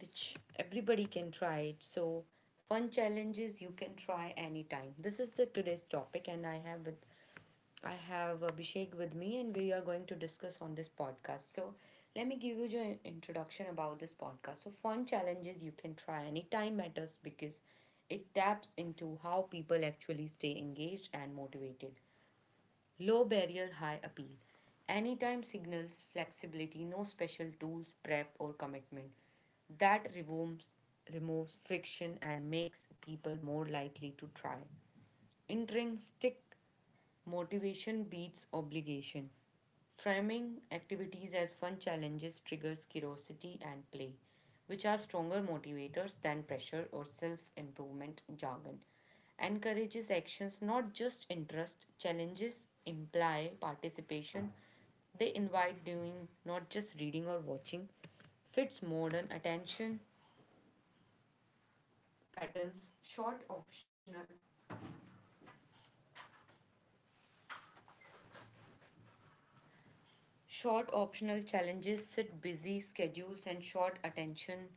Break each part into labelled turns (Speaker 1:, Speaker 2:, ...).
Speaker 1: which everybody can try it. So, fun challenges you can try anytime. This is the today's topic and I have Abhishek with me, and we are going to discuss on this podcast. So, let me give you the introduction about this podcast. So, fun challenges you can try anytime matters because it taps into how people actually stay engaged and motivated. Low barrier, high appeal. Anytime signals flexibility, no special tools, prep, or commitment. That removes, removes friction and makes people more likely to try. Intrinsic motivation beats obligation. Framing activities as fun challenges triggers curiosity and play, which are stronger motivators than pressure or self improvement jargon. Encourages actions, not just interest. Challenges imply participation. They invite doing, not just reading or watching. Fits modern attention patterns, short optional challenges sit busy schedules and short attention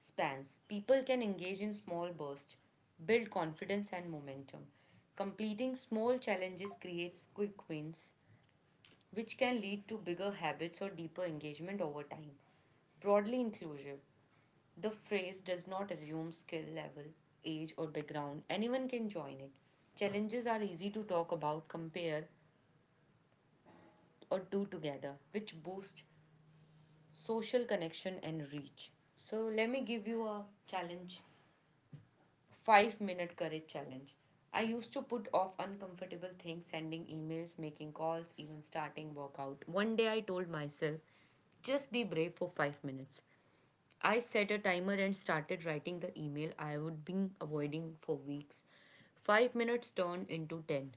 Speaker 1: spans, people can engage in small bursts, build confidence and momentum. Completing small challenges creates quick wins, which can lead to bigger habits or deeper engagement over time. Broadly inclusive, the phrase does not assume skill level, age, or background. Anyone can join it. Challenges are easy to talk about, compare, or do together, which boosts social connection and reach. So, let me give you a challenge 5-minute courage challenge. I used to put off uncomfortable things, sending emails, making calls, even starting workout. One day I told myself, just be brave for 5 minutes. I set a timer and started writing the email I would been avoiding for weeks. 5 minutes turned into 10.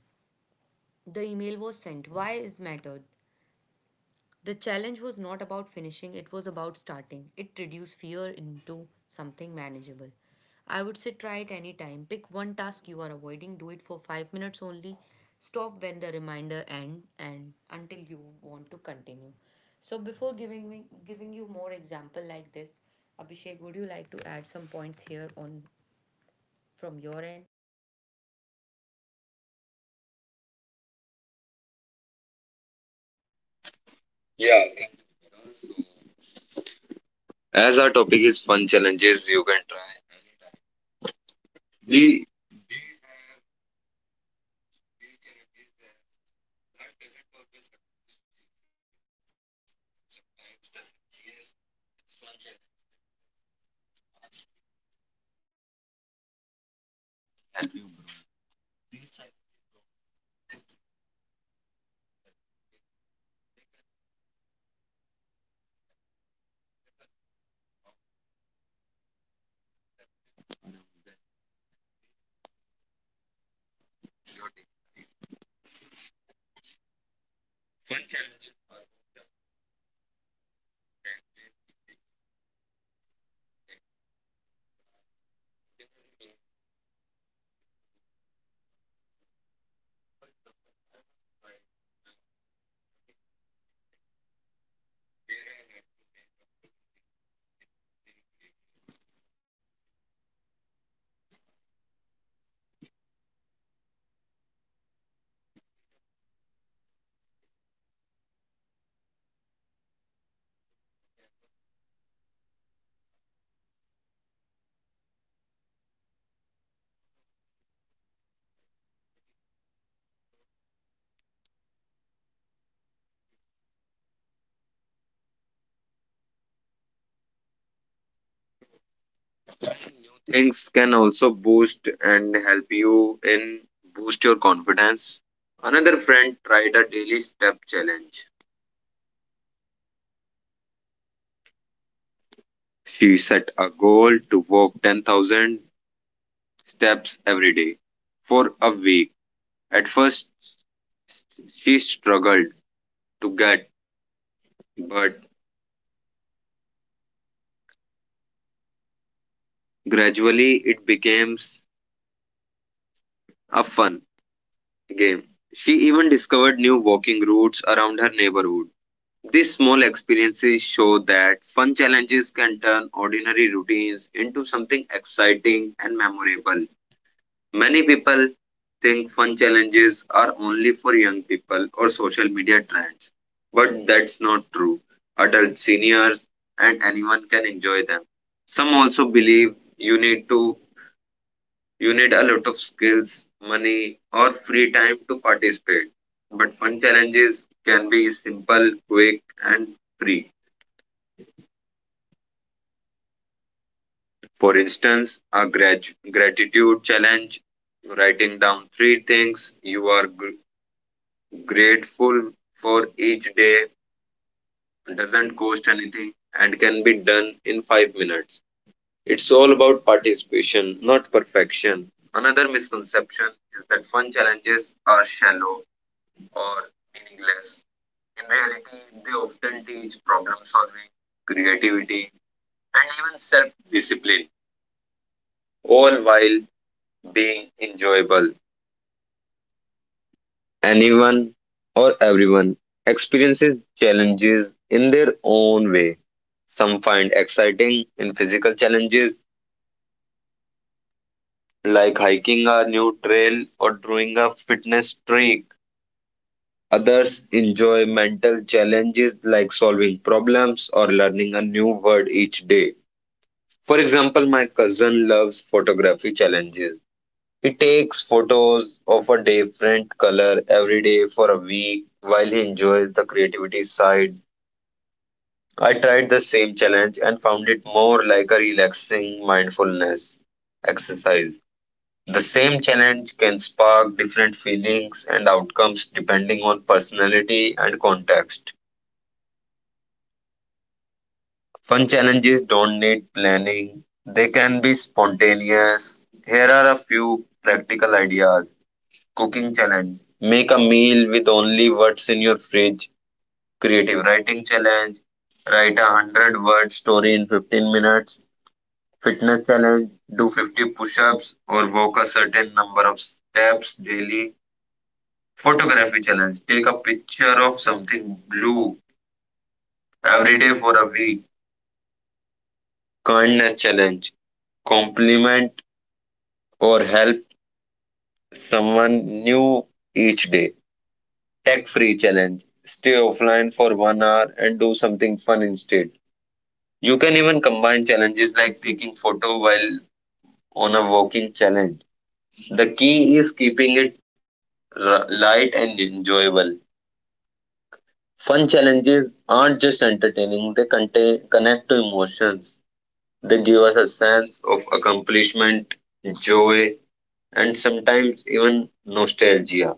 Speaker 1: The email was sent. Why is matter? The challenge was not about finishing, it was about starting. It reduced fear into something manageable. I would say try it anytime. Pick one task you are avoiding, do it for 5 minutes only. Stop when the reminder end and until you want to continue. So before giving you more example like this, Abhishek, would you like to add some points here on from your end?
Speaker 2: Yeah, I think also. As our topic is fun challenges, you can try. The things can also boost and help you in boost your confidence. Another friend tried a daily step challenge. She set a goal to walk 10,000 steps every day for a week. At first, she struggled to get, but gradually it became a fun game. She even discovered new walking routes around her neighborhood. These small experiences show that fun challenges can turn ordinary routines into something exciting and memorable. Many people think fun challenges are only for young people or social media trends, but that's not true. Adults, seniors, and anyone can enjoy them. Some also believe you need a lot of skills, money, or free time to participate. But fun challenges can be simple, quick, and free. For instance, a gratitude challenge, writing down three things you are grateful for each day, doesn't cost anything, and can be done in 5 minutes. It's all about participation, not perfection. Another misconception is that fun challenges are shallow or meaningless. In reality, they often teach problem solving, creativity, and even self discipline, all while being enjoyable. Anyone or everyone experiences challenges in their own way. Some find exciting in physical challenges like hiking a new trail or doing a fitness streak. Others enjoy mental challenges like solving problems or learning a new word each day. For example, my cousin loves photography challenges. He takes photos of a different color every day for a week while he enjoys the creativity side. I tried the same challenge and found it more like a relaxing mindfulness exercise. The same challenge can spark different feelings and outcomes depending on personality and context. Fun challenges don't need planning, they can be spontaneous. Here are a few practical ideas: cooking challenge, make a meal with only what's in your fridge; creative writing challenge, write a 100 word story in 15 minutes; fitness challenge, do 50 push ups or walk a certain number of steps daily; photography challenge, take a picture of something blue every day for a week; kindness challenge, compliment or help someone new each day. Tech free challenge. Stay offline for 1 hour and do something fun instead. You can even combine challenges like taking photo while on a walking challenge. The key is keeping it light and enjoyable. Fun challenges aren't just entertaining, they contain, connect to emotions. They give us a sense of accomplishment, joy, and sometimes even nostalgia.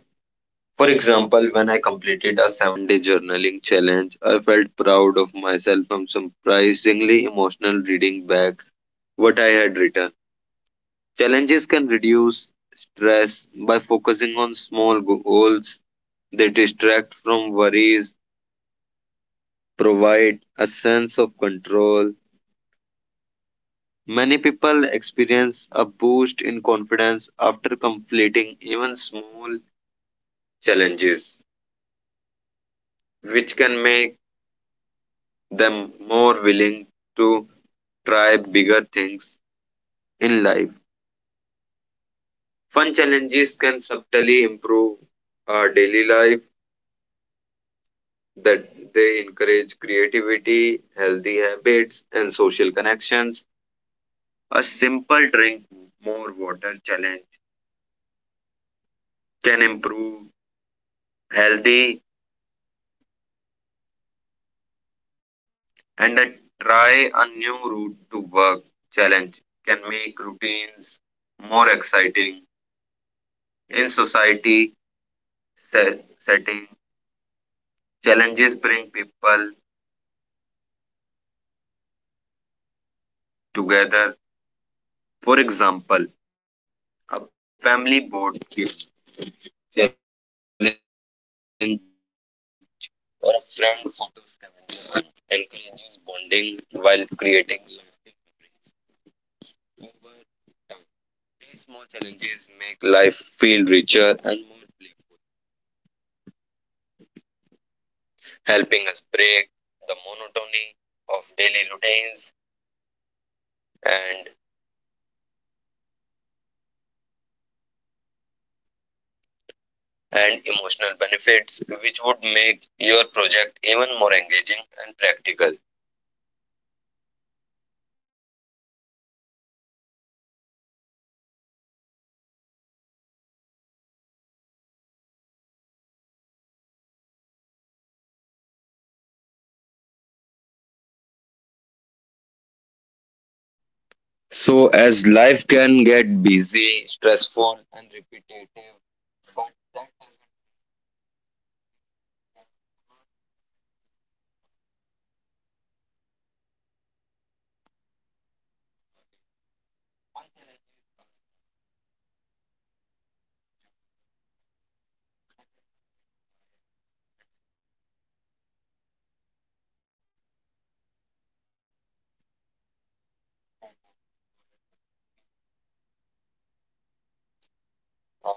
Speaker 2: For example, when I completed a 7 day journaling challenge, I felt proud of myself and surprisingly emotional reading back what I had written. Challenges can reduce stress by focusing on small goals. They distract from worries, provide a sense of control. Many people experience a boost in confidence after completing even small challenges, which can make them more willing to try bigger things in life. Fun challenges can subtly improve our daily life, that they encourage creativity, healthy habits, and social connections. A simple drink more water challenge can improve healthy, and a try a new route to work challenge can make routines more exciting. In society settings, challenges bring people together. For example, a family board game challenge or a friend photo scavenger hunt encourages bonding while creating lasting memories over time. These small challenges make life feel richer and more playful, helping us break the monotony of daily routines and emotional benefits which would make and practical. So, as life can get busy, stressful, and repetitive, but that doesn't end.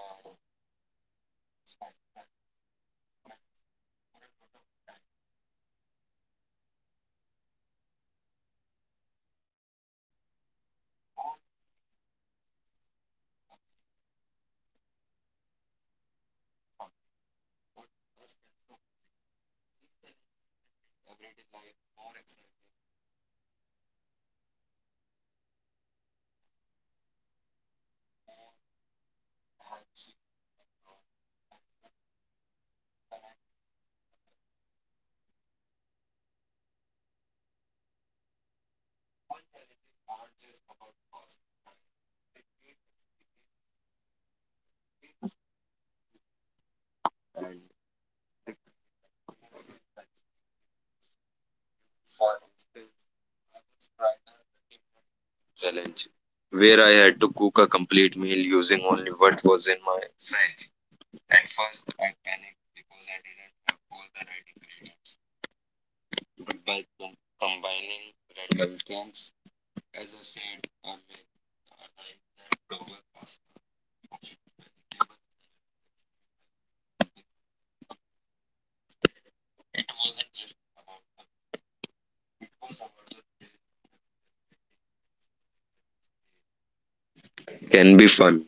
Speaker 2: For instance, Friday challenge, where I had to cook a complete meal using only what was in my fridge. At first, I panicked because I didn't have all the right ingredients, but by combining random things, as I said, I made a nice leftover pasta. It wasn't just about it was about the can be fun.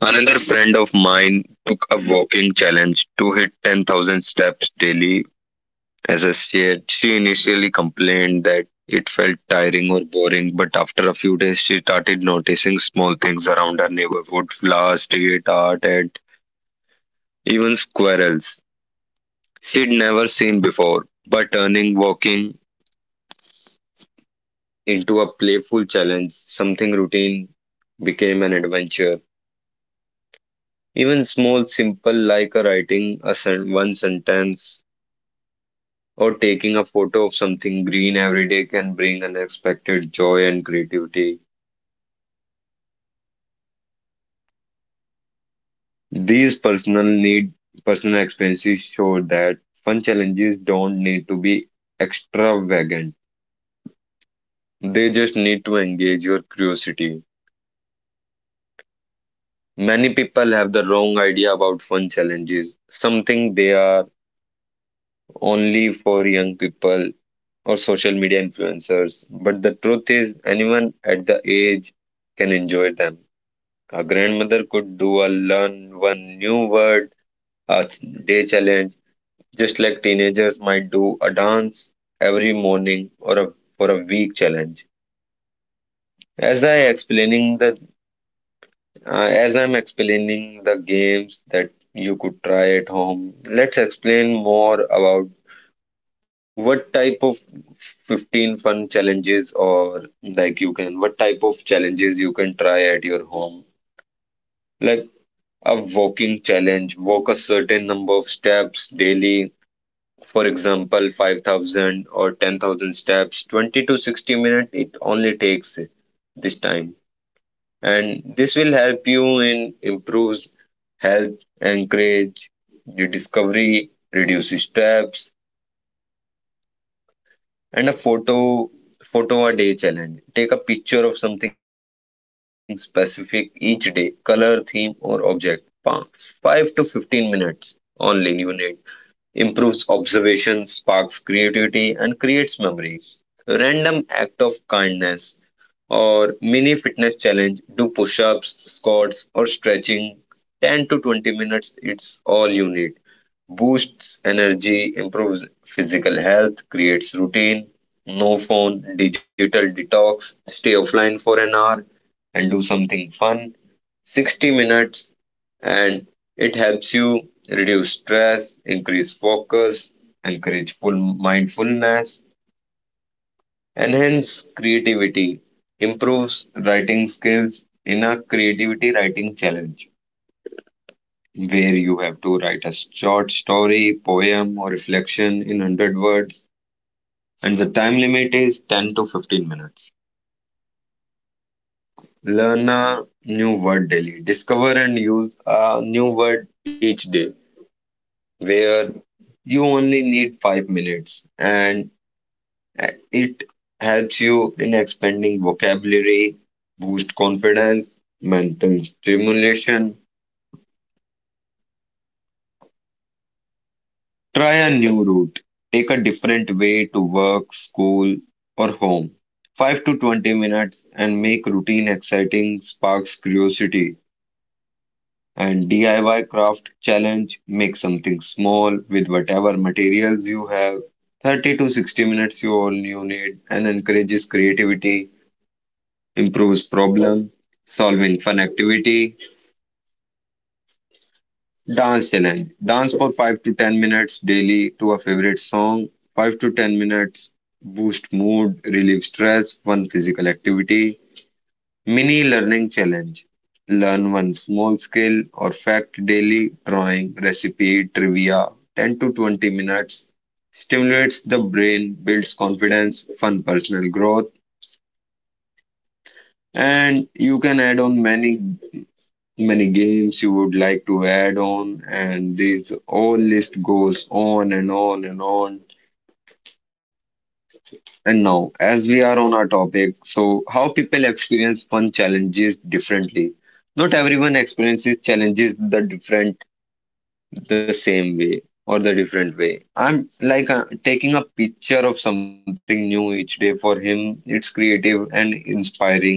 Speaker 2: Another friend of mine took a walking challenge to hit 10,000 steps daily. As I said, she initially complained that it felt tiring or boring, but after a few days, she started noticing small things around her neighborhood flowers, street art, and even squirrels she'd never seen before. By turning walking into a playful challenge, something routine became an adventure. Even small, simple, like a writing a one sentence or taking a photo of something green every day can bring unexpected joy and creativity. These personal experiences show that fun challenges don't need to be extravagant. They just need to engage your curiosity. Many people have the wrong idea about fun challenges, something they are only for young people or social media influencers. But the truth is, anyone at the age can enjoy them. Our grandmother could do a learn one new word a day challenge, just like teenagers might do a dance every morning or a for a week challenge. As I explaining the uh, as I'm explaining the games that you could try at home, let's explain more about what type of 15 fun challenges, or like you can what type of challenges you can try at your home. Like a walking challenge. Walk a certain number of steps daily. For example, 5,000 or 10,000 steps. 20 to 60 minutes it only takes this time. And this will help you in improves health, encourage your discovery, reduce steps. And a photo a day challenge. Take a picture of something specific each day, color, theme, or object. Pa- Five to 15 minutes only, you need improves observation, sparks creativity, and creates memory. Random act of kindness or mini fitness challenge, do push ups, squats, or stretching. 10 to 20 minutes, it's all you need. Boosts energy, improves physical health, creates routine. No phone, digital detox, stay offline for an hour and do something fun. 60 minutes, and it helps you reduce stress, increase focus, encourage full mindfulness, enhance creativity, improves writing skills in a creativity writing challenge where you have to write a short story, poem, or reflection in 100 words, and the time limit is 10 to 15 minutes. Learn a new word daily. Discover and use a new word each day, where you only need 5 minutes and it helps you in expanding vocabulary, boost confidence, mental stimulation. Try a new route, take a different way to work, school, or home. 5 to 20 minutes and make routine exciting, sparks curiosity. And DIY craft challenge, make something small with whatever materials you have. 30 to 60 minutes you all you need and encourages creativity, improves problem solving fun activity. Dance challenge, dance for 5 to 10 minutes daily to a favorite song. 5 to 10 minutes, boost mood, relieve stress, fun physical activity. Mini learning challenge. Learn one small skill or fact daily. Drawing, recipe, trivia, 10 to 20 minutes. Stimulates the brain, builds confidence, fun personal growth. And you can add on many games you would like to add on. And this all list goes on and on and on. And now, as we are on our topic, so how people experience fun challenges differently. Not everyone experiences challenges the same way or the different way. I'm like taking a picture of something new each day for him. It's creative and inspiring,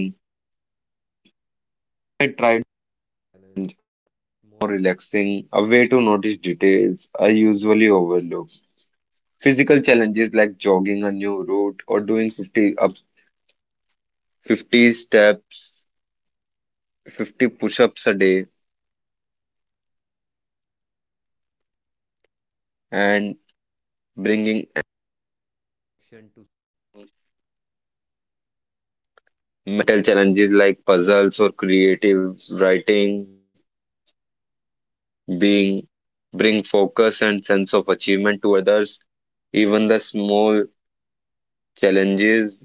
Speaker 2: bring focus and sense of achievement to others. Even the small challenges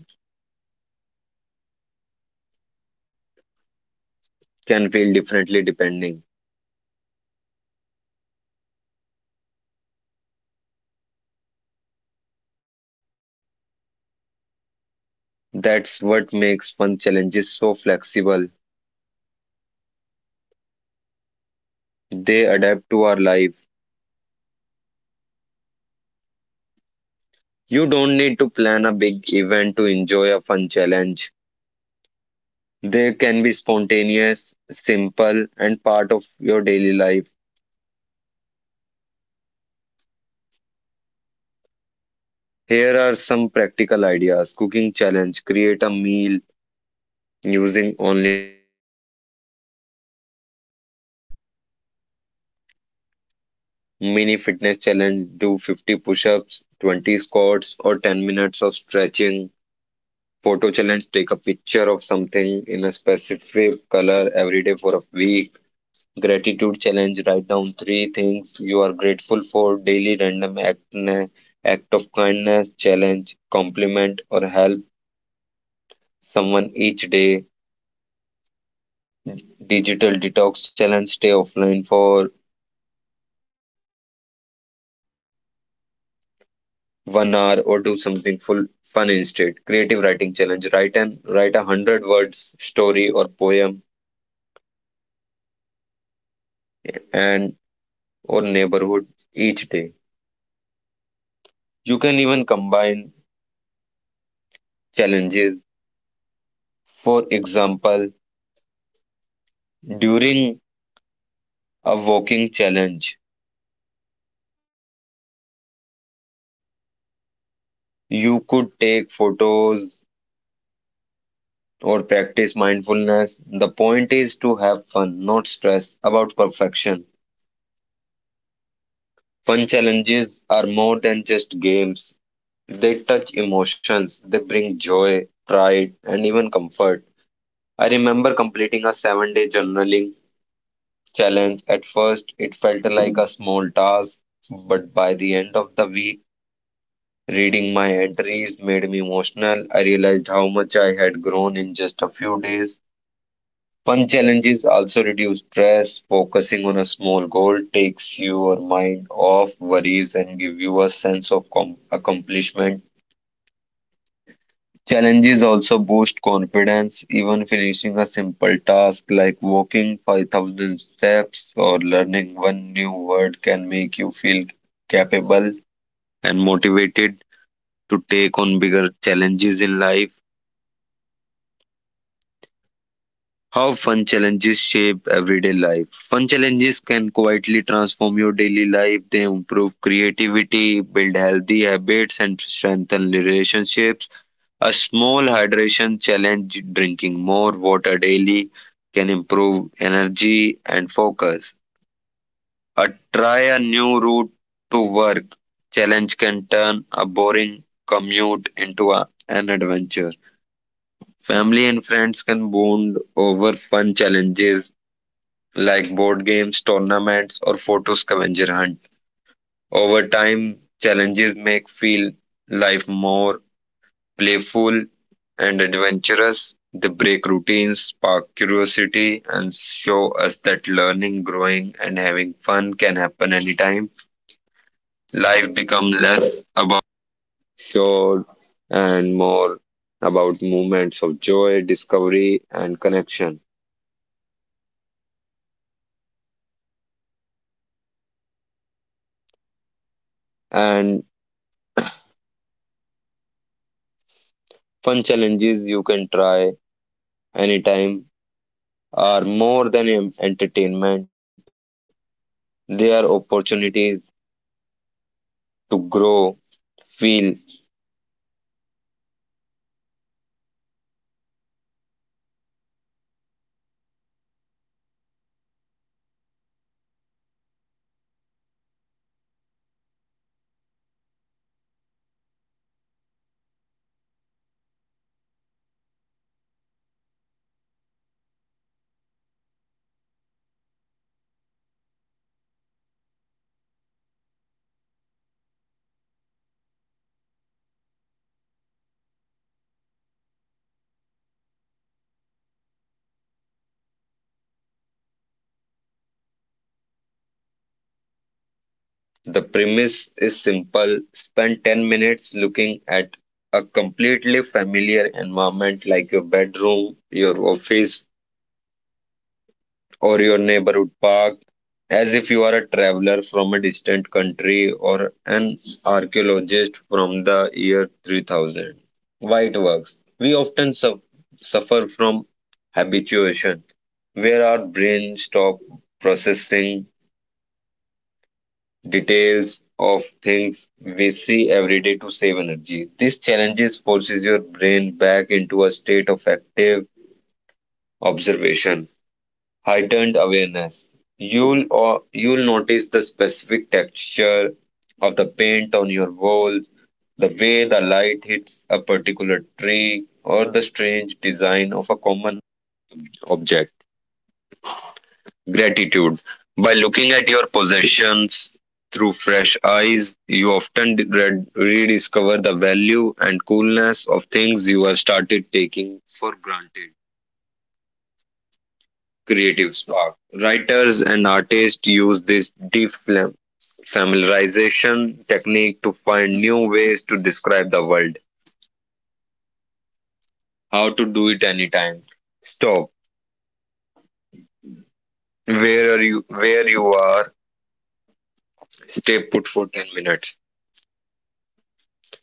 Speaker 2: can feel differently depending. That's what makes fun challenges so flexible. They adapt to our life. You don't need to plan a big event to enjoy a fun challenge. They can be spontaneous, simple, and part of your daily life. Here are some practical ideas. Cooking challenge. Create a meal using only the ingredients you already have. Mini fitness challenge, do 50 push-ups, 20 squats, or 10 minutes of stretching. Photo challenge, take a picture of something in a specific color every day for a week. Gratitude challenge, write down three things you are grateful for. Daily act of kindness challenge, compliment or help someone each day. Digital detox challenge, stay offline for 1 hour or do something full fun instead. Creative writing challenge. Write 100 words story or poem and or neighborhood each day. You can even combine challenges. For example, during a walking challenge, you could take photos or practice mindfulness. The point is to have fun, not stress about perfection. Fun challenges are more than just games. They touch emotions, they bring joy, pride, and even comfort. I remember completing a 7 day journaling challenge. At first, it felt like a small task, but by the end of the week, reading my entries made me emotional. I realized how much I had grown in just a few days. Fun challenges also reduce stress. Focusing on a small goal takes your mind off worries and give you a sense of accomplishment. Challenges also boost confidence. Even finishing a simple task like walking 5,000 steps or learning one new word can make you feel capable and motivated to take on bigger challenges in life. How fun challenges shape everyday life. Fun challenges can quietly transform your daily life. They improve creativity, build healthy habits, and strengthen relationships. A small hydration challenge, drinking more water daily, can improve energy and focus. A try a new route to work challenge can turn a boring commute into an adventure. Family and friends can bond over fun challenges like board games, tournaments, or photo scavenger hunt. Over time, challenges make feel life more playful and adventurous. They break routines, spark curiosity, and show us that learning, growing, and having fun can happen anytime. Life becomes less about show and more about moments of joy, discovery, and connection. And fun challenges you can try anytime are more than entertainment, they are opportunities to grow, feel. The premise is simple, spend 10 minutes looking at a completely familiar environment like your bedroom, your office, or your neighborhood park as if you are a traveler from a distant country or an archaeologist from the year 3000. Why it works? We often suffer from habituation, where our brain stop processing details of things we see every day to save energy. These challenges forces your brain back into a state of active observation, heightened awareness. You'll notice the specific texture of the paint on your walls, the way the light hits a particular tree, or the strange design of a common object. Gratitude. By looking at your possessions through fresh eyes, you often rediscover the value and coolness of things you have started taking for granted. Creative spark. Writers and artists use this defamiliarization technique to find new ways to describe the world. How to do it anytime. Stop. Where you are, stay put for 10 minutes.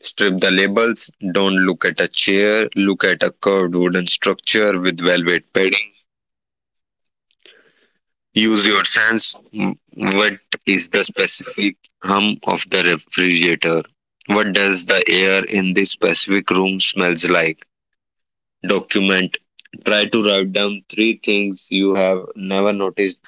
Speaker 2: Strip the labels, don't look at a chair, look at a curved wooden structure with velvet padding. Use your sense. What is the specific hum of the refrigerator? What does the air in this specific room smells like? Document. Try to write down three things you have never noticed,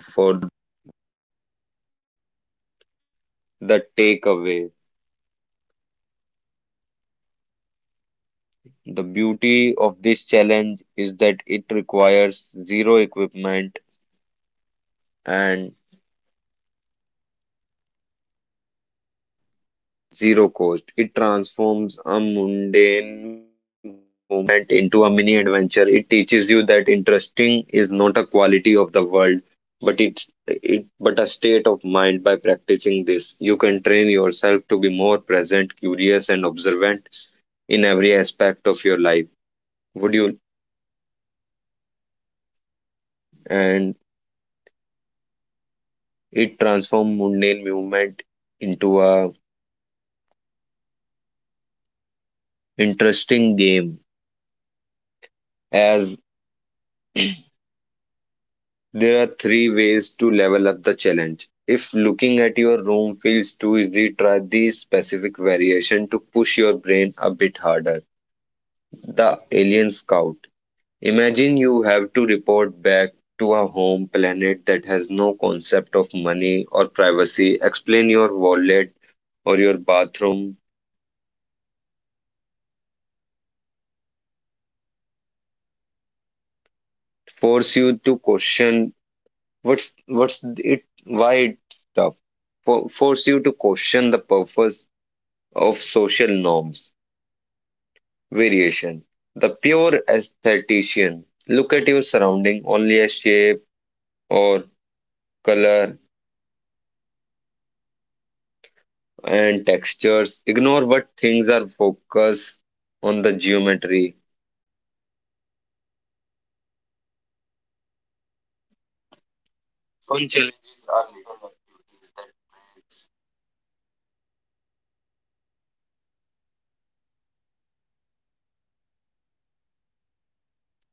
Speaker 2: not a quality of the world, but a state of mind. By practicing this, you can train yourself to be more present, curious, and observant in every aspect of your life. Would you? And it transforms mundane movement into a interesting game, as there are three ways to level up the challenge. If looking at your room feels too easy, try the specific variation to push your brain a bit harder. The Alien Scout. Imagine you have to report back to a home planet that has no concept of money or privacy, explain your wallet or your bathroom, force you to question what's it why it's tough, for, force you to question the purpose of social norms, variation. The pure aesthetician, look at your surrounding only as shape or color and textures. Ignore what things are, focus on the geometry. Fun challenges are little activities that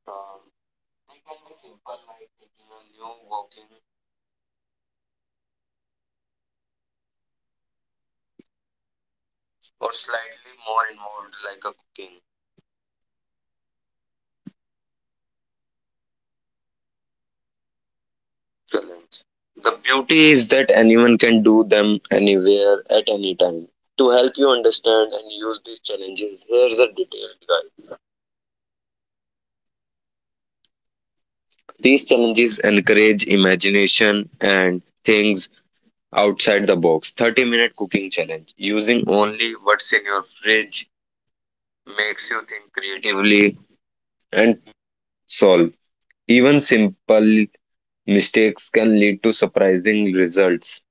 Speaker 2: uh, they can be simple like taking a new walking or slightly more involved like a cooking challenge. The beauty is that anyone can do them anywhere at any time. To help you understand and use these challenges, here's a detailed guide. These challenges encourage imagination and things outside the box. 30-minute cooking challenge. Using only what's in your fridge makes you think creatively and solve. Even simple mistakes can lead to surprising results.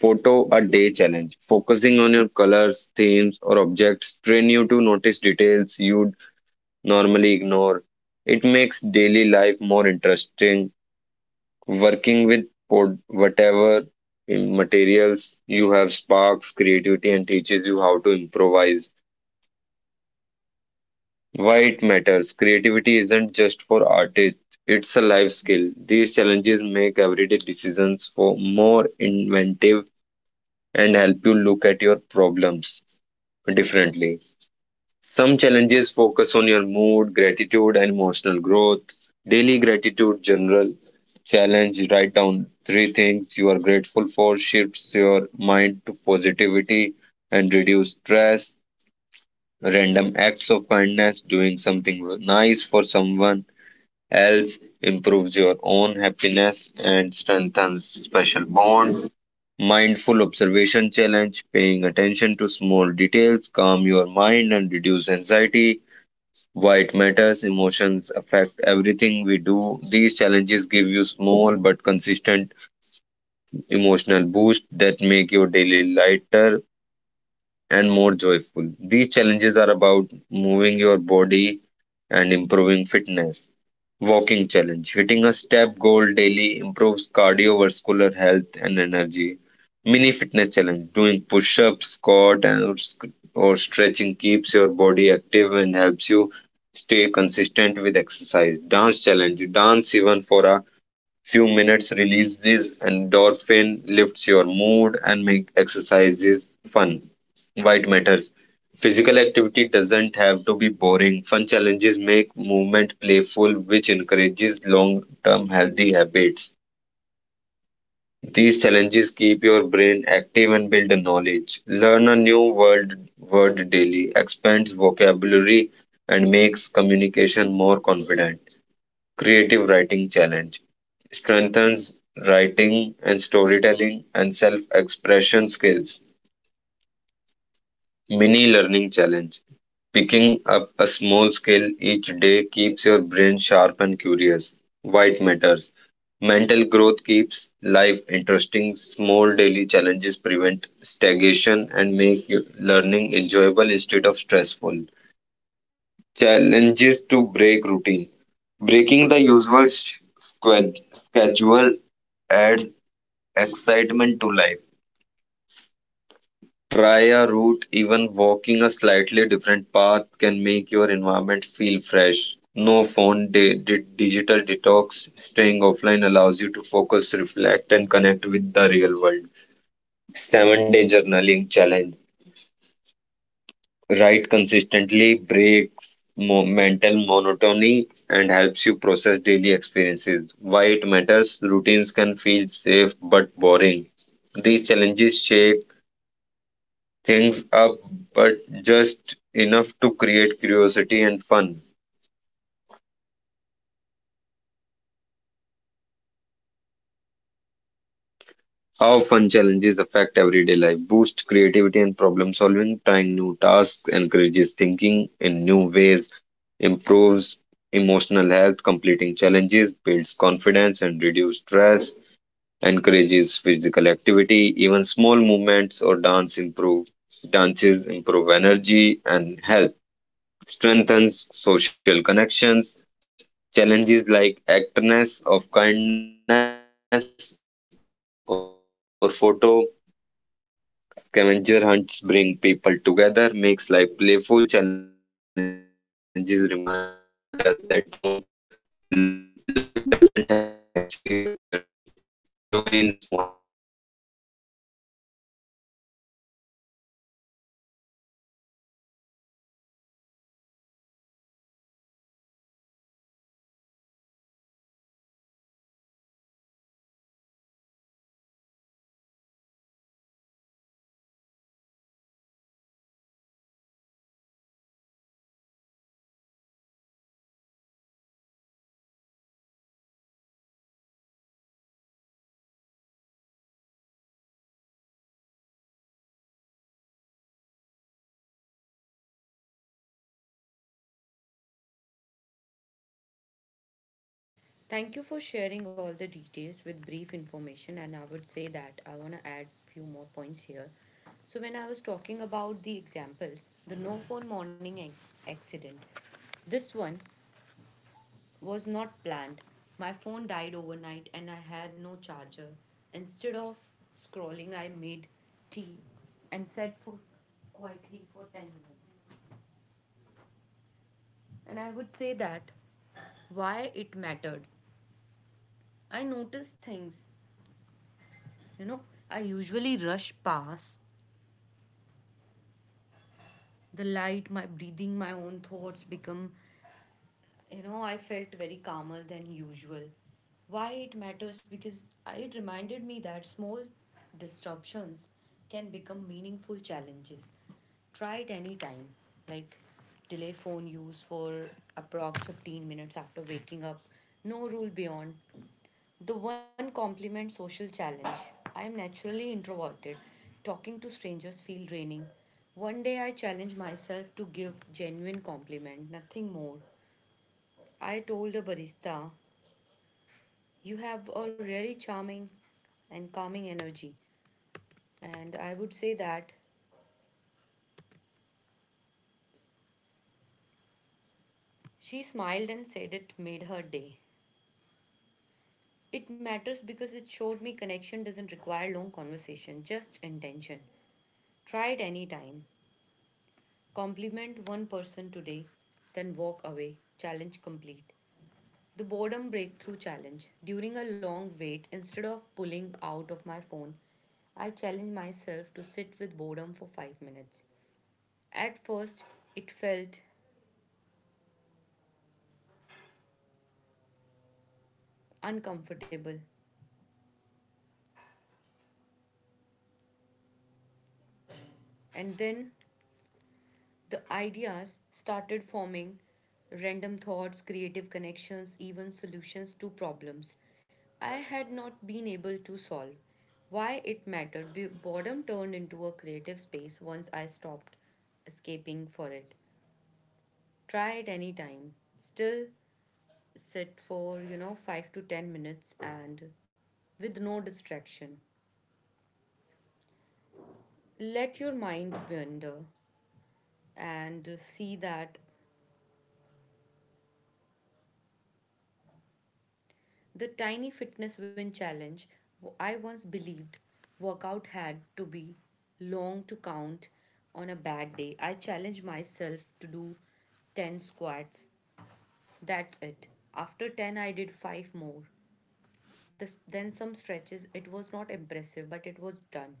Speaker 2: Photo a day challenge. Focusing on your colors, themes, or objects train you to notice details you'd normally ignore. It makes daily life more interesting. Working with pod, whatever materials you have sparks creativity and teaches you how to improvise. Why it matters, creativity isn't just for artists, it's a life skill. These challenges make everyday decisions for more inventive and help you look at your problems differently. Some challenges focus on your mood, gratitude, and emotional growth. Daily gratitude journal challenge, write down three things you are grateful for, shifts your mind to positivity and reduce stress. Random acts of kindness, doing something nice for someone else improves your own happiness and strengthens special bond. Mindful observation challenge, paying attention to small details, calm your mind and reduce anxiety. Why it matters, emotions affect everything we do. These challenges give you small but consistent emotional boost that make your daily lighter and more joyful. These challenges are about moving your body and improving fitness. Walking challenge. Hitting a step goal daily improves cardiovascular health and energy. Mini fitness challenge. Doing push ups, squat, or stretching keeps your body active and helps you stay consistent with exercise. Dance challenge. Dance even for a few minutes releases endorphin, lifts your mood, and make exercises fun. Why matters. Physical activity doesn't have to be boring. Fun challenges make movement playful, which encourages long term healthy habits. These challenges keep your brain active and build a knowledge. Learn a new word daily, expands vocabulary, and makes communication more confident. Creative writing challenge strengthens writing and storytelling and self expression skills. Mini learning challenge. Picking up a small skill each day keeps your brain sharp and curious. White matters. Mental growth keeps life interesting. Small daily challenges prevent stagnation and make your learning enjoyable instead of stressful. Challenges to break routine. Breaking the usual schedule adds excitement to life. Try a route, even walking a slightly different path can make your environment feel fresh. No phone, digital detox, staying offline allows you to focus, reflect, and connect with the real world. 7 day journaling challenge. Write consistently, breaks mental monotony, and helps you process daily experiences. Why it matters, routines can feel safe but boring. These challenges shape things up, but just enough to create curiosity and fun. How fun challenges affect everyday life, boost creativity and problem solving, trying new tasks, encourages thinking in new ways, improves emotional health, completing challenges, builds confidence and reduce stress, encourages physical activity, even small movements or dances improve energy and health, strengthens social connections. Challenges like actness of kindness or photo scavenger hunts bring people together, makes life playful. Challenges remind us that life doesn't have to be serious. There's joy in small experiments. So yeah, that's all by my side.
Speaker 1: Thank you for sharing all the details with brief information and I would say that I want to add few more points here. So when I was talking about the examples, the no phone morning accident. This one was not planned. My phone died overnight and I had no charger. Instead of scrolling, I made tea and sat for quietly for 10 minutes. And I would say that why it mattered. I noticed things. You know, I usually rush past the light, my breathing, my own thoughts become, I felt very calmer than usual. Why it matters? Because it reminded me that small disruptions can become meaningful challenges. Try it anytime. Like, delay phone use for approx 15 minutes after waking up. No rule beyond the one compliment social challenge. I am naturally introverted. Talking to strangers feel draining. One day I challenged myself to give genuine compliment, nothing more. I told a barista, "You have a really charming and calming energy." And I would say that she smiled and said it made her day. It matters because it showed me connection doesn't require long conversation, just intention. Try it anytime. Compliment one person today, then walk away. Challenge complete. The boredom breakthrough challenge. During a long wait, instead of pulling out of my phone, I challenged myself to sit with boredom for 5 minutes. At first, it felt uncomfortable, and then the ideas started forming random thoughts, creative connections, even solutions to problems I had not been able to solve. Why it mattered, boredom turned into a creative space once I stopped escaping for it. Try it any time. Still sit for, 5 to 10 minutes and with no distraction. Let your mind wander and see that the tiny fitness win challenge. I once believed workout had to be long to count on a bad day. I challenged myself to do 10 squats. That's it. After 10, I did 5 more. This, then some stretches. It was not impressive, but it was done.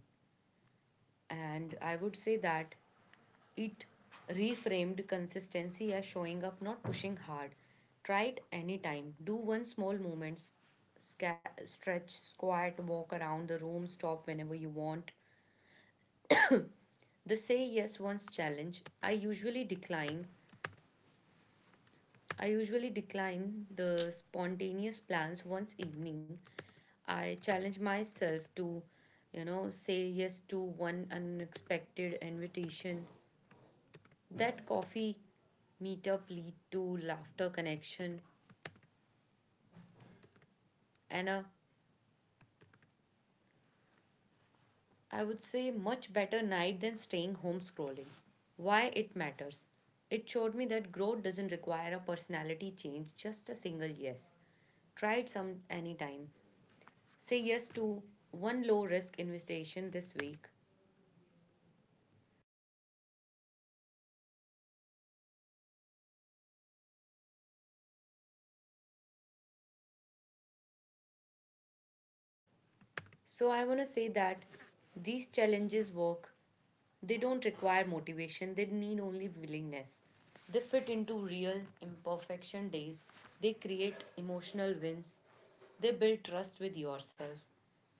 Speaker 1: And I would say that it reframed consistency as showing up, not pushing hard. Try it anytime. Do one small movement stretch, squat, walk around the room, stop whenever you want. The say yes once challenge, I usually decline. I usually decline the spontaneous plans once evening. I challenge myself to, say yes to one unexpected invitation. That coffee meetup lead to laughter, connection, and a, I would say, much better night than staying home scrolling. Why it matters? It showed me that growth doesn't require a personality change, just a single yes. Try it some anytime. Say yes to one low risk invitation this week. So I want to say that these challenges work. They don't require motivation, they need only willingness. They fit into real imperfection days. They create emotional wins. They build trust with yourself.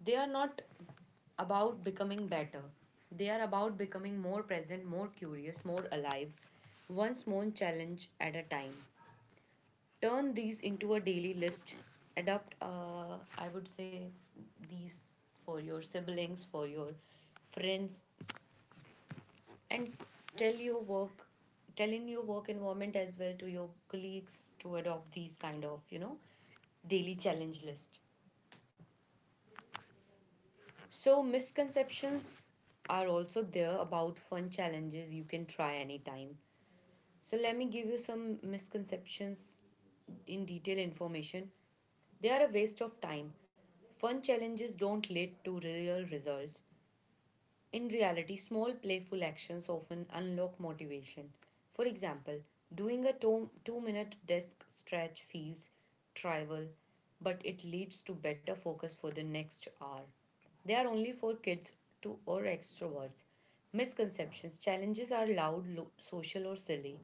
Speaker 1: They are not about becoming better. They are about becoming more present, more curious, more alive, one small challenge at a time. Turn these into a daily list, adopt I would say these for your siblings, for your friends, and tell your work tell in your work environment as well to your colleagues to adopt these kind of, daily challenge list. So misconceptions are also there about fun challenges you can try anytime. So let me give you some misconceptions in detail information. They are a waste of time. Fun challenges don't lead to real results. In reality, small playful actions often unlock motivation. For example, doing a 2 minute desk stretch feels trivial, but it leads to better focus for the next hour. They are only for kids to or extroverts. Misconceptions challenges are loud, social, or silly.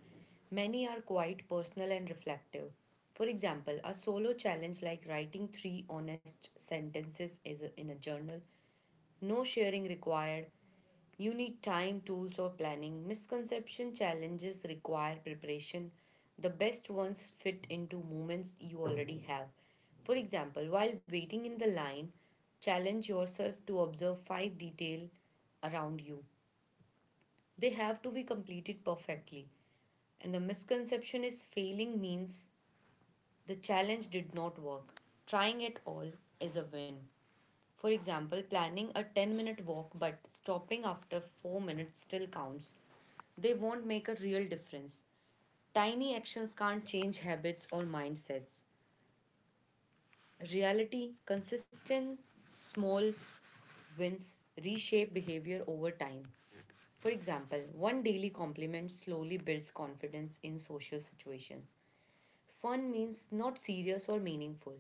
Speaker 1: Many are quite personal and reflective. For example, a solo challenge like writing three honest sentences is in a journal, no sharing required, you need time, tools, or planning. Misconception challenges require preparation. The best ones fit into moments you already have. For example, while waiting in the line, challenge yourself to observe five detail around you. They have to be completed perfectly. And the misconception is failing means the challenge did not work. Trying at all is a win. For example, planning a 10-minute walk but stopping after 4 minutes still counts. They won't make a real difference. Tiny actions can't change habits or mindsets. Reality, consistent, small wins reshape behavior over time. For example, one daily compliment slowly builds confidence in social situations. Fun means not serious or meaningful.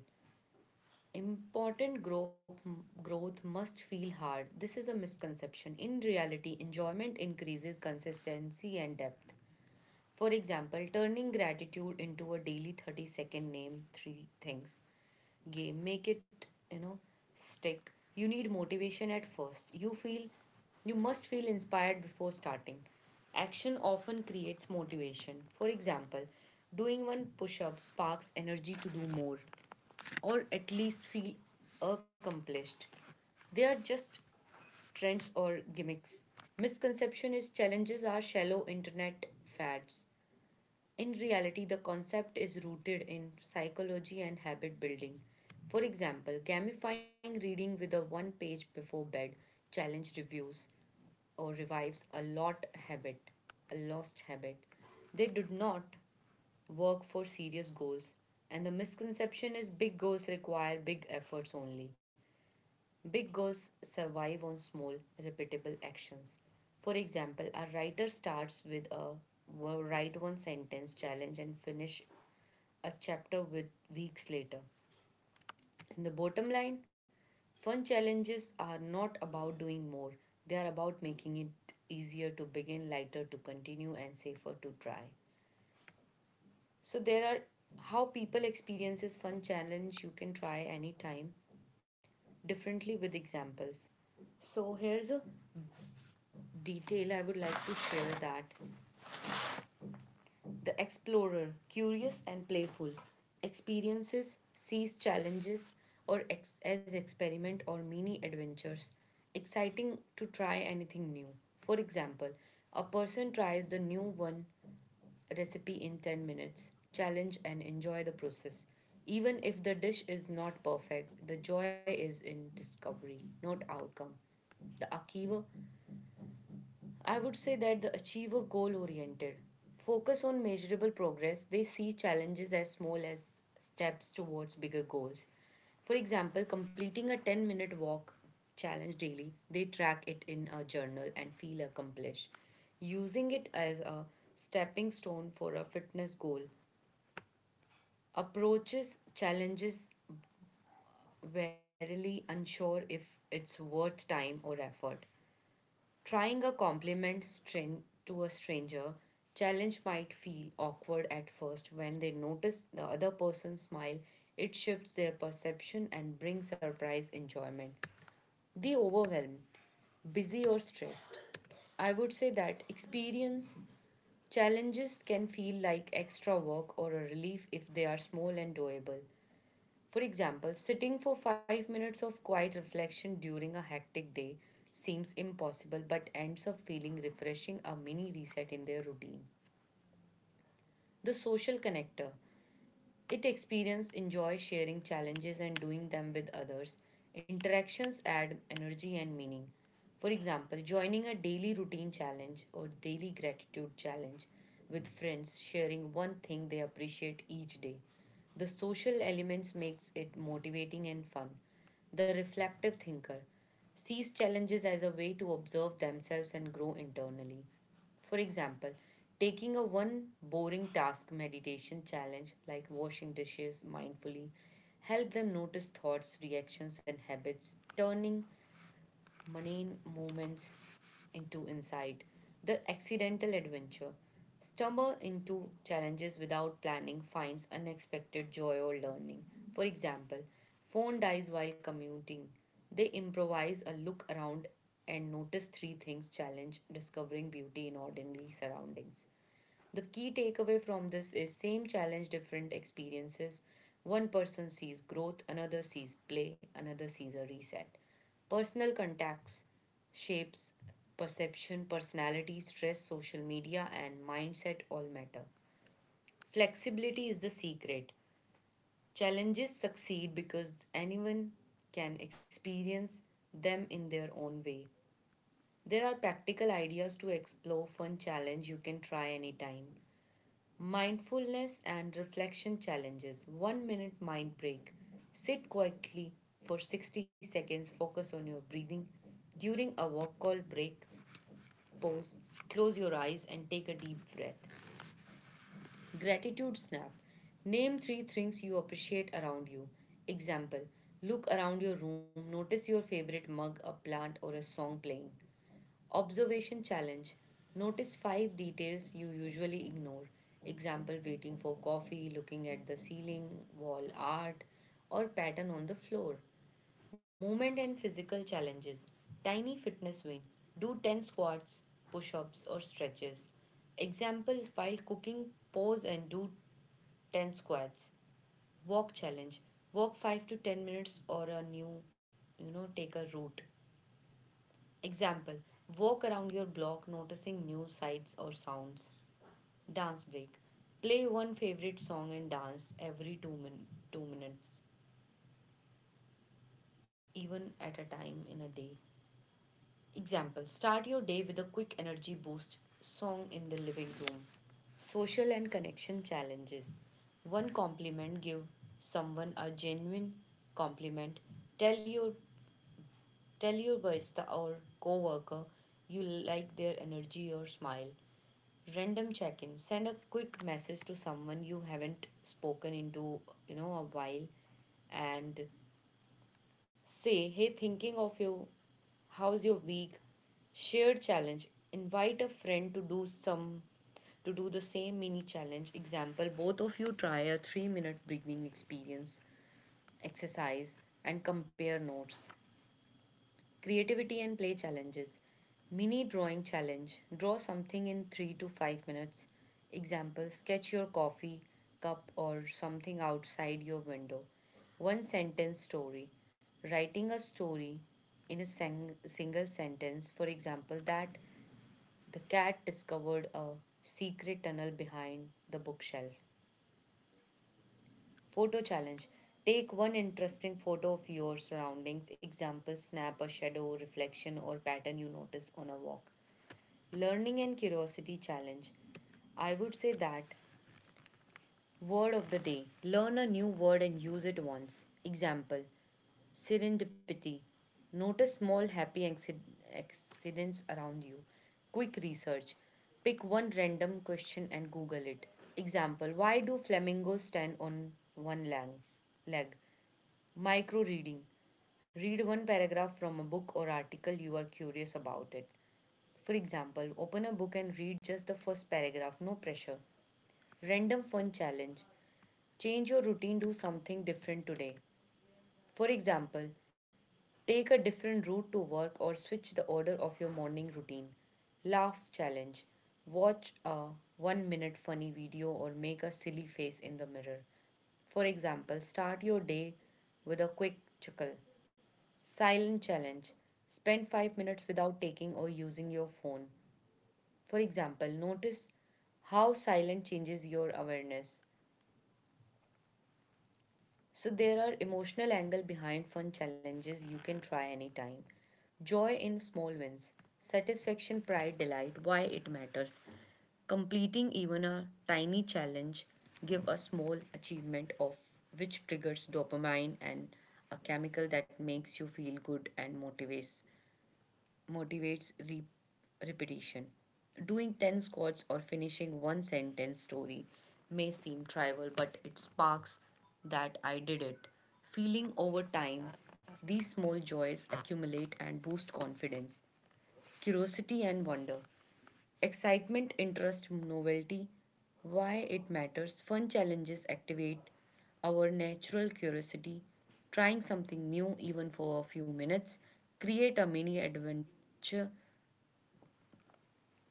Speaker 1: Important growth must feel hard. This is a misconception. In reality, enjoyment increases consistency and depth. For example, turning gratitude into a daily 30-second name three things game. Make it, you know, stick. You need motivation at first. You must feel inspired before starting. Action often creates motivation. For example, doing one push up sparks energy to do more or at least feel accomplished. They are just trends or gimmicks. Misconception is challenges are shallow internet fads. In reality, the concept is rooted in psychology and habit building. For example, gamifying reading with a one page before bed challenge reviews or revives a lost habit. They do not work for serious goals. And the misconception is big goals require big efforts only. Big goals survive on small, repeatable actions. For example, a writer starts with a write one sentence challenge and finish a chapter with weeks later. In the bottom line, fun challenges are not about doing more. They are about making it easier to begin, lighter to continue and safer to try. So there are how people experiences fun challenge you can try anytime differently with examples. So here's a detail I would like to share that the explorer, curious and playful, experiences, sees challenges or as experiment or mini adventures, exciting to try anything new. For example, a person tries the new one recipe in 10 minutes. Challenge and enjoy the process. Even if the dish is not perfect, the joy is in discovery, not outcome. The Akiva, I would say that the achiever goal oriented focus on measurable progress. They see challenges as small as steps towards bigger goals. For example, completing a 10-minute walk challenge daily, they track it in a journal and feel accomplished. Using it as a stepping stone for a fitness goal approaches challenges warily unsure if it's worth time or effort. Trying a compliment string to a stranger challenge might feel awkward at first. When they notice the other person smile, it shifts their perception and brings surprise enjoyment. The overwhelmed, busy, or stressed, I would say that experience challenges can feel like extra work or a relief if they are small and doable. For example, sitting for 5 minutes of quiet reflection during a hectic day seems impossible but ends up feeling refreshing, a mini reset in their routine. The social connector. It experience enjoy sharing challenges and doing them with others. Interactions add energy and meaning. For example, joining a daily routine challenge or daily gratitude challenge with friends, sharing one thing they appreciate each day. The social elements makes it motivating and fun. The reflective thinker sees challenges as a way to observe themselves and grow internally. For example, taking a one boring task meditation challenge like washing dishes mindfully help them notice thoughts, reactions, and habits, turning mundane moments into insight. The accidental adventure. Stumble into challenges without planning finds unexpected joy or learning. For example, phone dies while commuting. They improvise a look around and notice three things challenge discovering beauty in ordinary surroundings. The key takeaway from this is same challenge, different experiences. One person sees growth, another sees play, another sees a reset. Personal contacts shapes perception, personality, stress, social media, and mindset all matter. Flexibility is the secret. Challenges succeed because anyone can experience them in their own way. There are practical ideas to explore, fun challenge you can try anytime. Mindfulness and reflection challenges. 1 minute mind break. Sit quietly for 60 seconds. Focus on your breathing. During a walk call break, pause, close your eyes, and take a deep breath. Gratitude snap. Name three things you appreciate around you. Example: look around your room, notice your favorite mug, a plant, or a song playing. Observation challenge. Notice five details you usually ignore. Example: waiting for coffee, looking at the ceiling, wall art, or pattern on the floor. Movement and physical challenges. Tiny fitness win. Do 10 squats, push ups, or stretches. Example: while cooking, pause and do 10 squats. Walk challenge. Walk 5 to 10 minutes or a new, take a route. Example: walk around your block noticing new sights or sounds. Dance break. Play one favorite song and dance every 2 minutes, even at a time in a day. Example: start your day with a quick energy boost song in the living room. Social and connection challenges. One compliment, give someone a genuine compliment. Tell your Tell your barista or coworker you like their energy or smile. Random check-in. Send a quick message to someone you haven't spoken into, a while, and say, "Hey, thinking of you. How's your week?" Shared challenge. Invite a friend to do some to do the same mini challenge. Example, both of you try a 3-minute breathing experience exercise and compare notes. Creativity and play challenges. Mini drawing challenge. Draw something in 3 to 5 minutes. Example: sketch your coffee cup or something outside your window. One sentence story. Writing a story in a single sentence. For example, that the cat discovered a secret tunnel behind the bookshelf. Photo challenge. Take one interesting photo of your surroundings. Example, snap a shadow, reflection, or pattern you notice on a walk. Learning and curiosity challenge. I would say that word of the day. Learn a new word and use it once. Example, serendipity. Notice small happy accidents around you. Quick research. Pick one random question and Google it. Example, why do flamingos stand on one leg? Micro reading. Read one paragraph from a book or article you are curious about it. For example, open a book and read just the first paragraph, no pressure. Random fun challenge. Change your routine, do something different today. For example, take a different route to work or switch the order of your morning routine. Laugh challenge. Watch a 1 minute funny video or make a silly face in the mirror. For example, start your day with a quick chuckle. Silent challenge. Spend 5 minutes without taking or using your phone. For example, notice how silent changes your awareness. So there are emotional angle behind fun challenges you can try anytime. Joy in small wins. Satisfaction, pride, delight, why it matters. Completing even a tiny challenge give a small achievement of which triggers dopamine and a chemical that makes you feel good and motivates re- repetition. Doing 10 squats or finishing one sentence story may seem trivial, but it sparks that I did it. Feeling over time, these small joys accumulate and boost confidence, curiosity, and wonder. Excitement, interest, novelty, why it matters, fun challenges activate our natural curiosity, trying something new even for a few minutes, create a mini adventure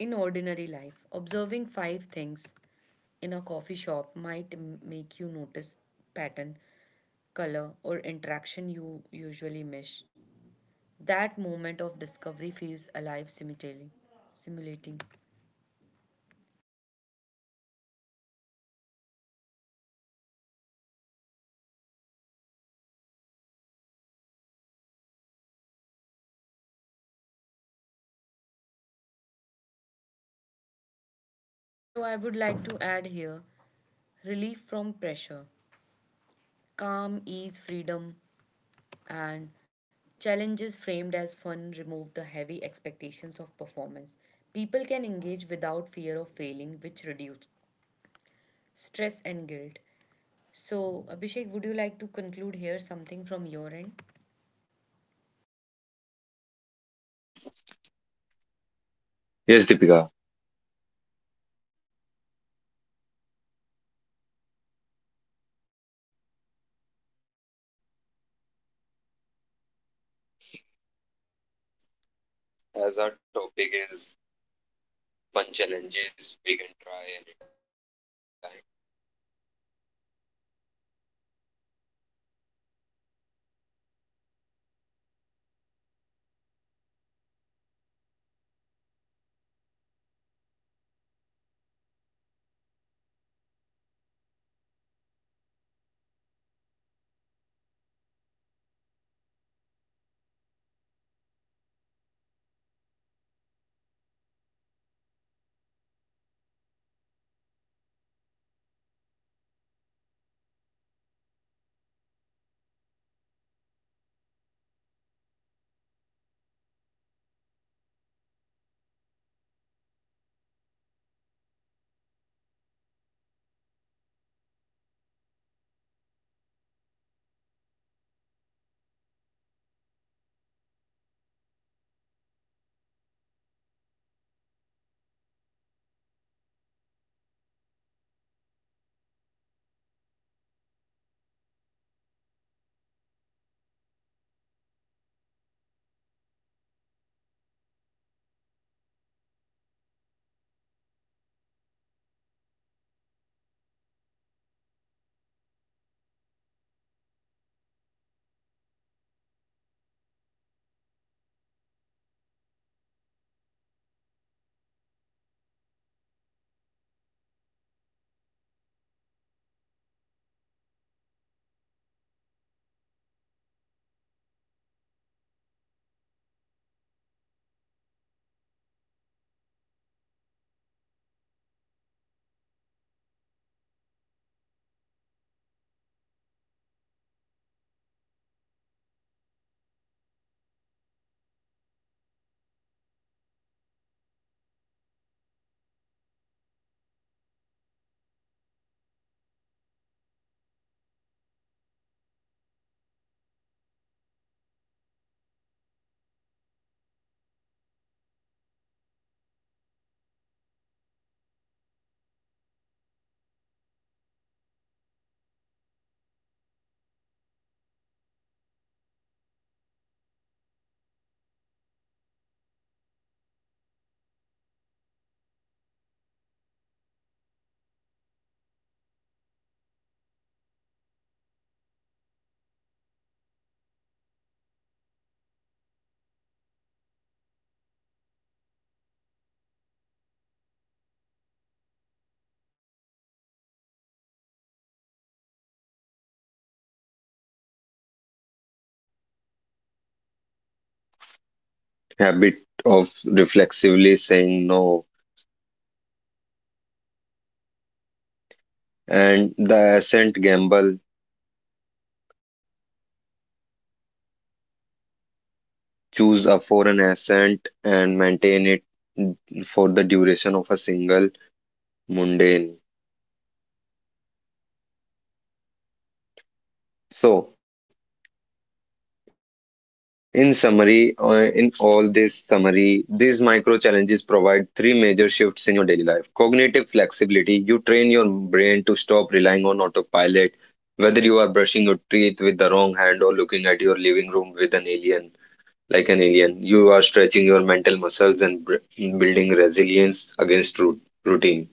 Speaker 1: in ordinary life, observing five things in a coffee shop might make you notice pattern, color, or interaction you usually miss. That moment of discovery feels alive, simulating. Simulating. So, I would like to add here relief from pressure, calm, ease, freedom, and challenges framed as fun remove the heavy expectations of performance. People can engage without fear of failing, which reduce stress and guilt. So, Abhishek, would you like to conclude here something from your end?
Speaker 2: Yes, Deepika, as our topic is fun challenges, we can try anytime. Habit of reflexively saying no, and the ascent gamble, choose a foreign ascent and maintain it for the duration of a single mundane. So, in summary, in all this summary, these micro challenges provide three major shifts in your daily life. Cognitive flexibility, you train your brain to stop relying on autopilot, whether you are brushing your teeth with the wrong hand or looking at your living room with an alien, like an alien. You are stretching your mental muscles and building resilience against routine.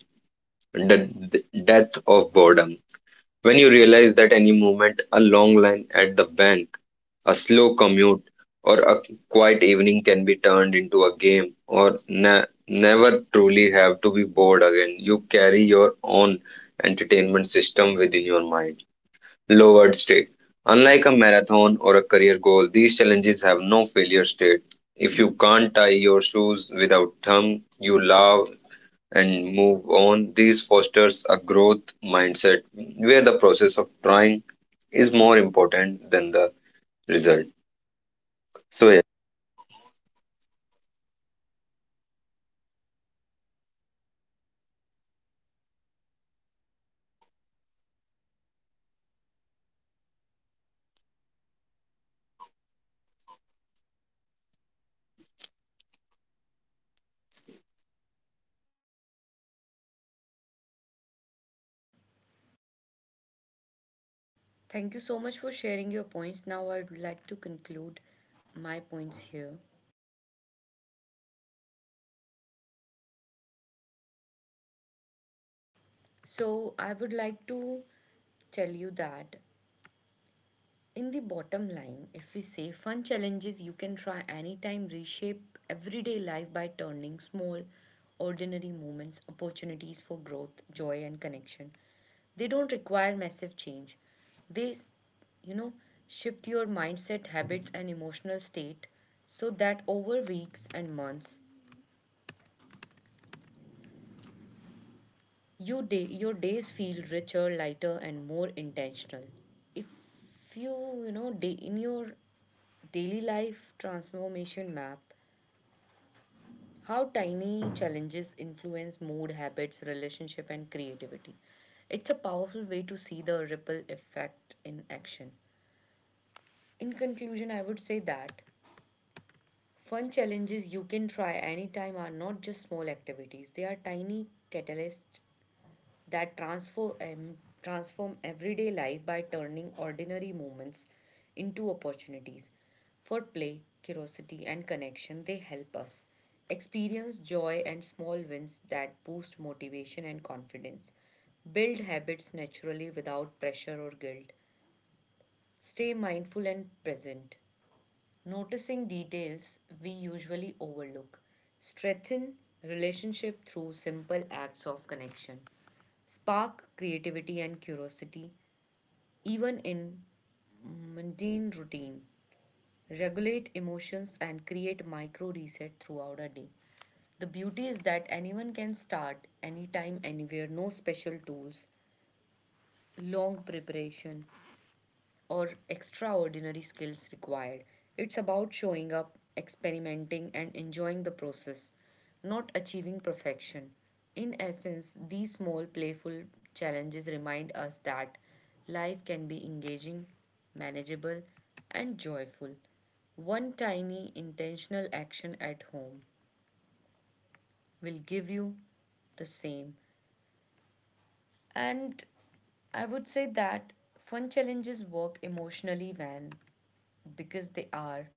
Speaker 2: The death of boredom. When you realize that any moment, a long line at the bank, a slow commute, or a quiet evening can be turned into a game, or never truly have to be bored again, you carry your own entertainment system within your mind. Lowered stake. Unlike a marathon or a career goal, these challenges have no failure state. If you can't tie your shoes without thumb, you laugh and move on. This fosters a growth mindset where the process of trying is more important than the result. So, yeah.
Speaker 1: Thank you so much for sharing your points. Now, I would like to conclude my points here. Okay. So, I would like to tell you that in the bottom line, if we say fun challenges you can try anytime, reshape everyday life by turning small, ordinary moments, opportunities for growth, joy, and connection. They don't require massive change. They, you know, shift your mindset, habits, and emotional state so that over weeks and months, your days feel richer, lighter, and more intentional. If you, in your daily life transformation map, how tiny challenges influence mood, habits, relationship, and creativity. It's a powerful way to see the ripple effect in action. In conclusion, I would say that fun challenges you can try anytime are not just small activities, they are tiny catalysts that transform everyday life by turning ordinary moments into opportunities. For play, curiosity, and connection, they help us experience joy and small wins that boost motivation and confidence. Build habits naturally without pressure or guilt. Stay mindful and present, noticing details we usually overlook. Strengthen relationship through simple acts of connection. Spark creativity and curiosity even in mundane routine. Regulate emotions and create micro reset throughout a day. The beauty is that anyone can start anytime, anywhere, no special tools, long preparation, or extraordinary skills required. It's about showing up, experimenting, and enjoying the process, not achieving perfection. In essence, these small, playful challenges remind us that life can be engaging, manageable, and joyful. One tiny intentional action at home will give you the same. And I would say that fun challenges work emotionally when because they are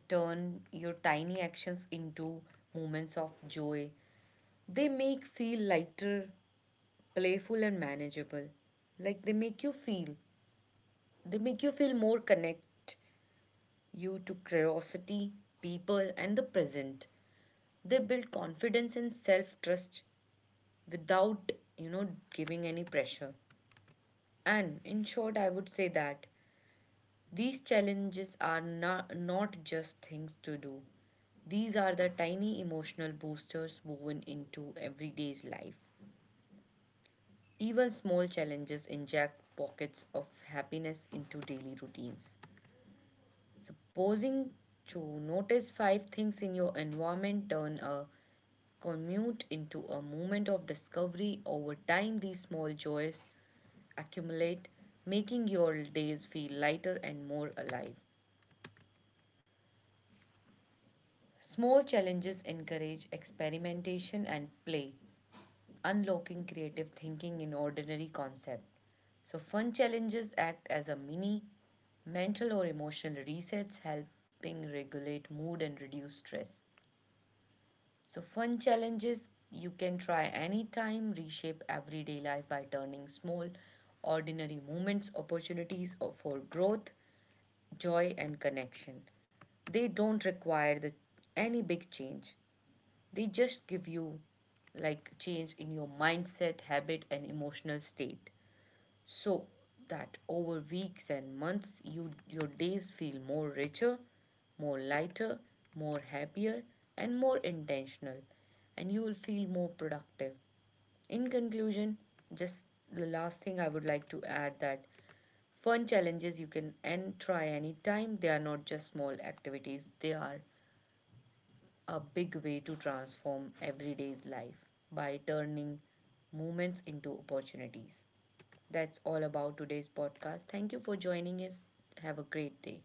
Speaker 1: turn your tiny actions into moments of joy. They make feel lighter, playful, and manageable. Like they make you feel more connect you to curiosity, people, and the present. They build confidence and self-trust without, you know, giving any pressure. And in short, I would say that these challenges are not just things to do. These are the tiny emotional boosters woven into everyday's life. Even small challenges inject pockets of happiness into daily routines. Supposing to notice five things in your environment, turn a commute into a moment of discovery. Over time, these small joys accumulate, making your days feel lighter and more alive. Small challenges encourage experimentation and play, unlocking creative thinking in ordinary concepts. So, fun challenges act as a mini mental or emotional resets, helping regulate mood and reduce stress. So, fun challenges you can try anytime, reshape everyday life by turning small, ordinary moments, opportunities or for growth, joy, and connection. They don't require any big change. They just give you like change in your mindset, habit, and emotional state so that over weeks and months your days feel more richer, more lighter, more happier, and more intentional, and you will feel more productive. In conclusion, just the last thing I would like to add that fun challenges you can and try anytime, they are not just small activities, they are a big way to transform everyday's life by turning moments into opportunities. That's all about today's podcast. Thank you for joining us. Have a great day.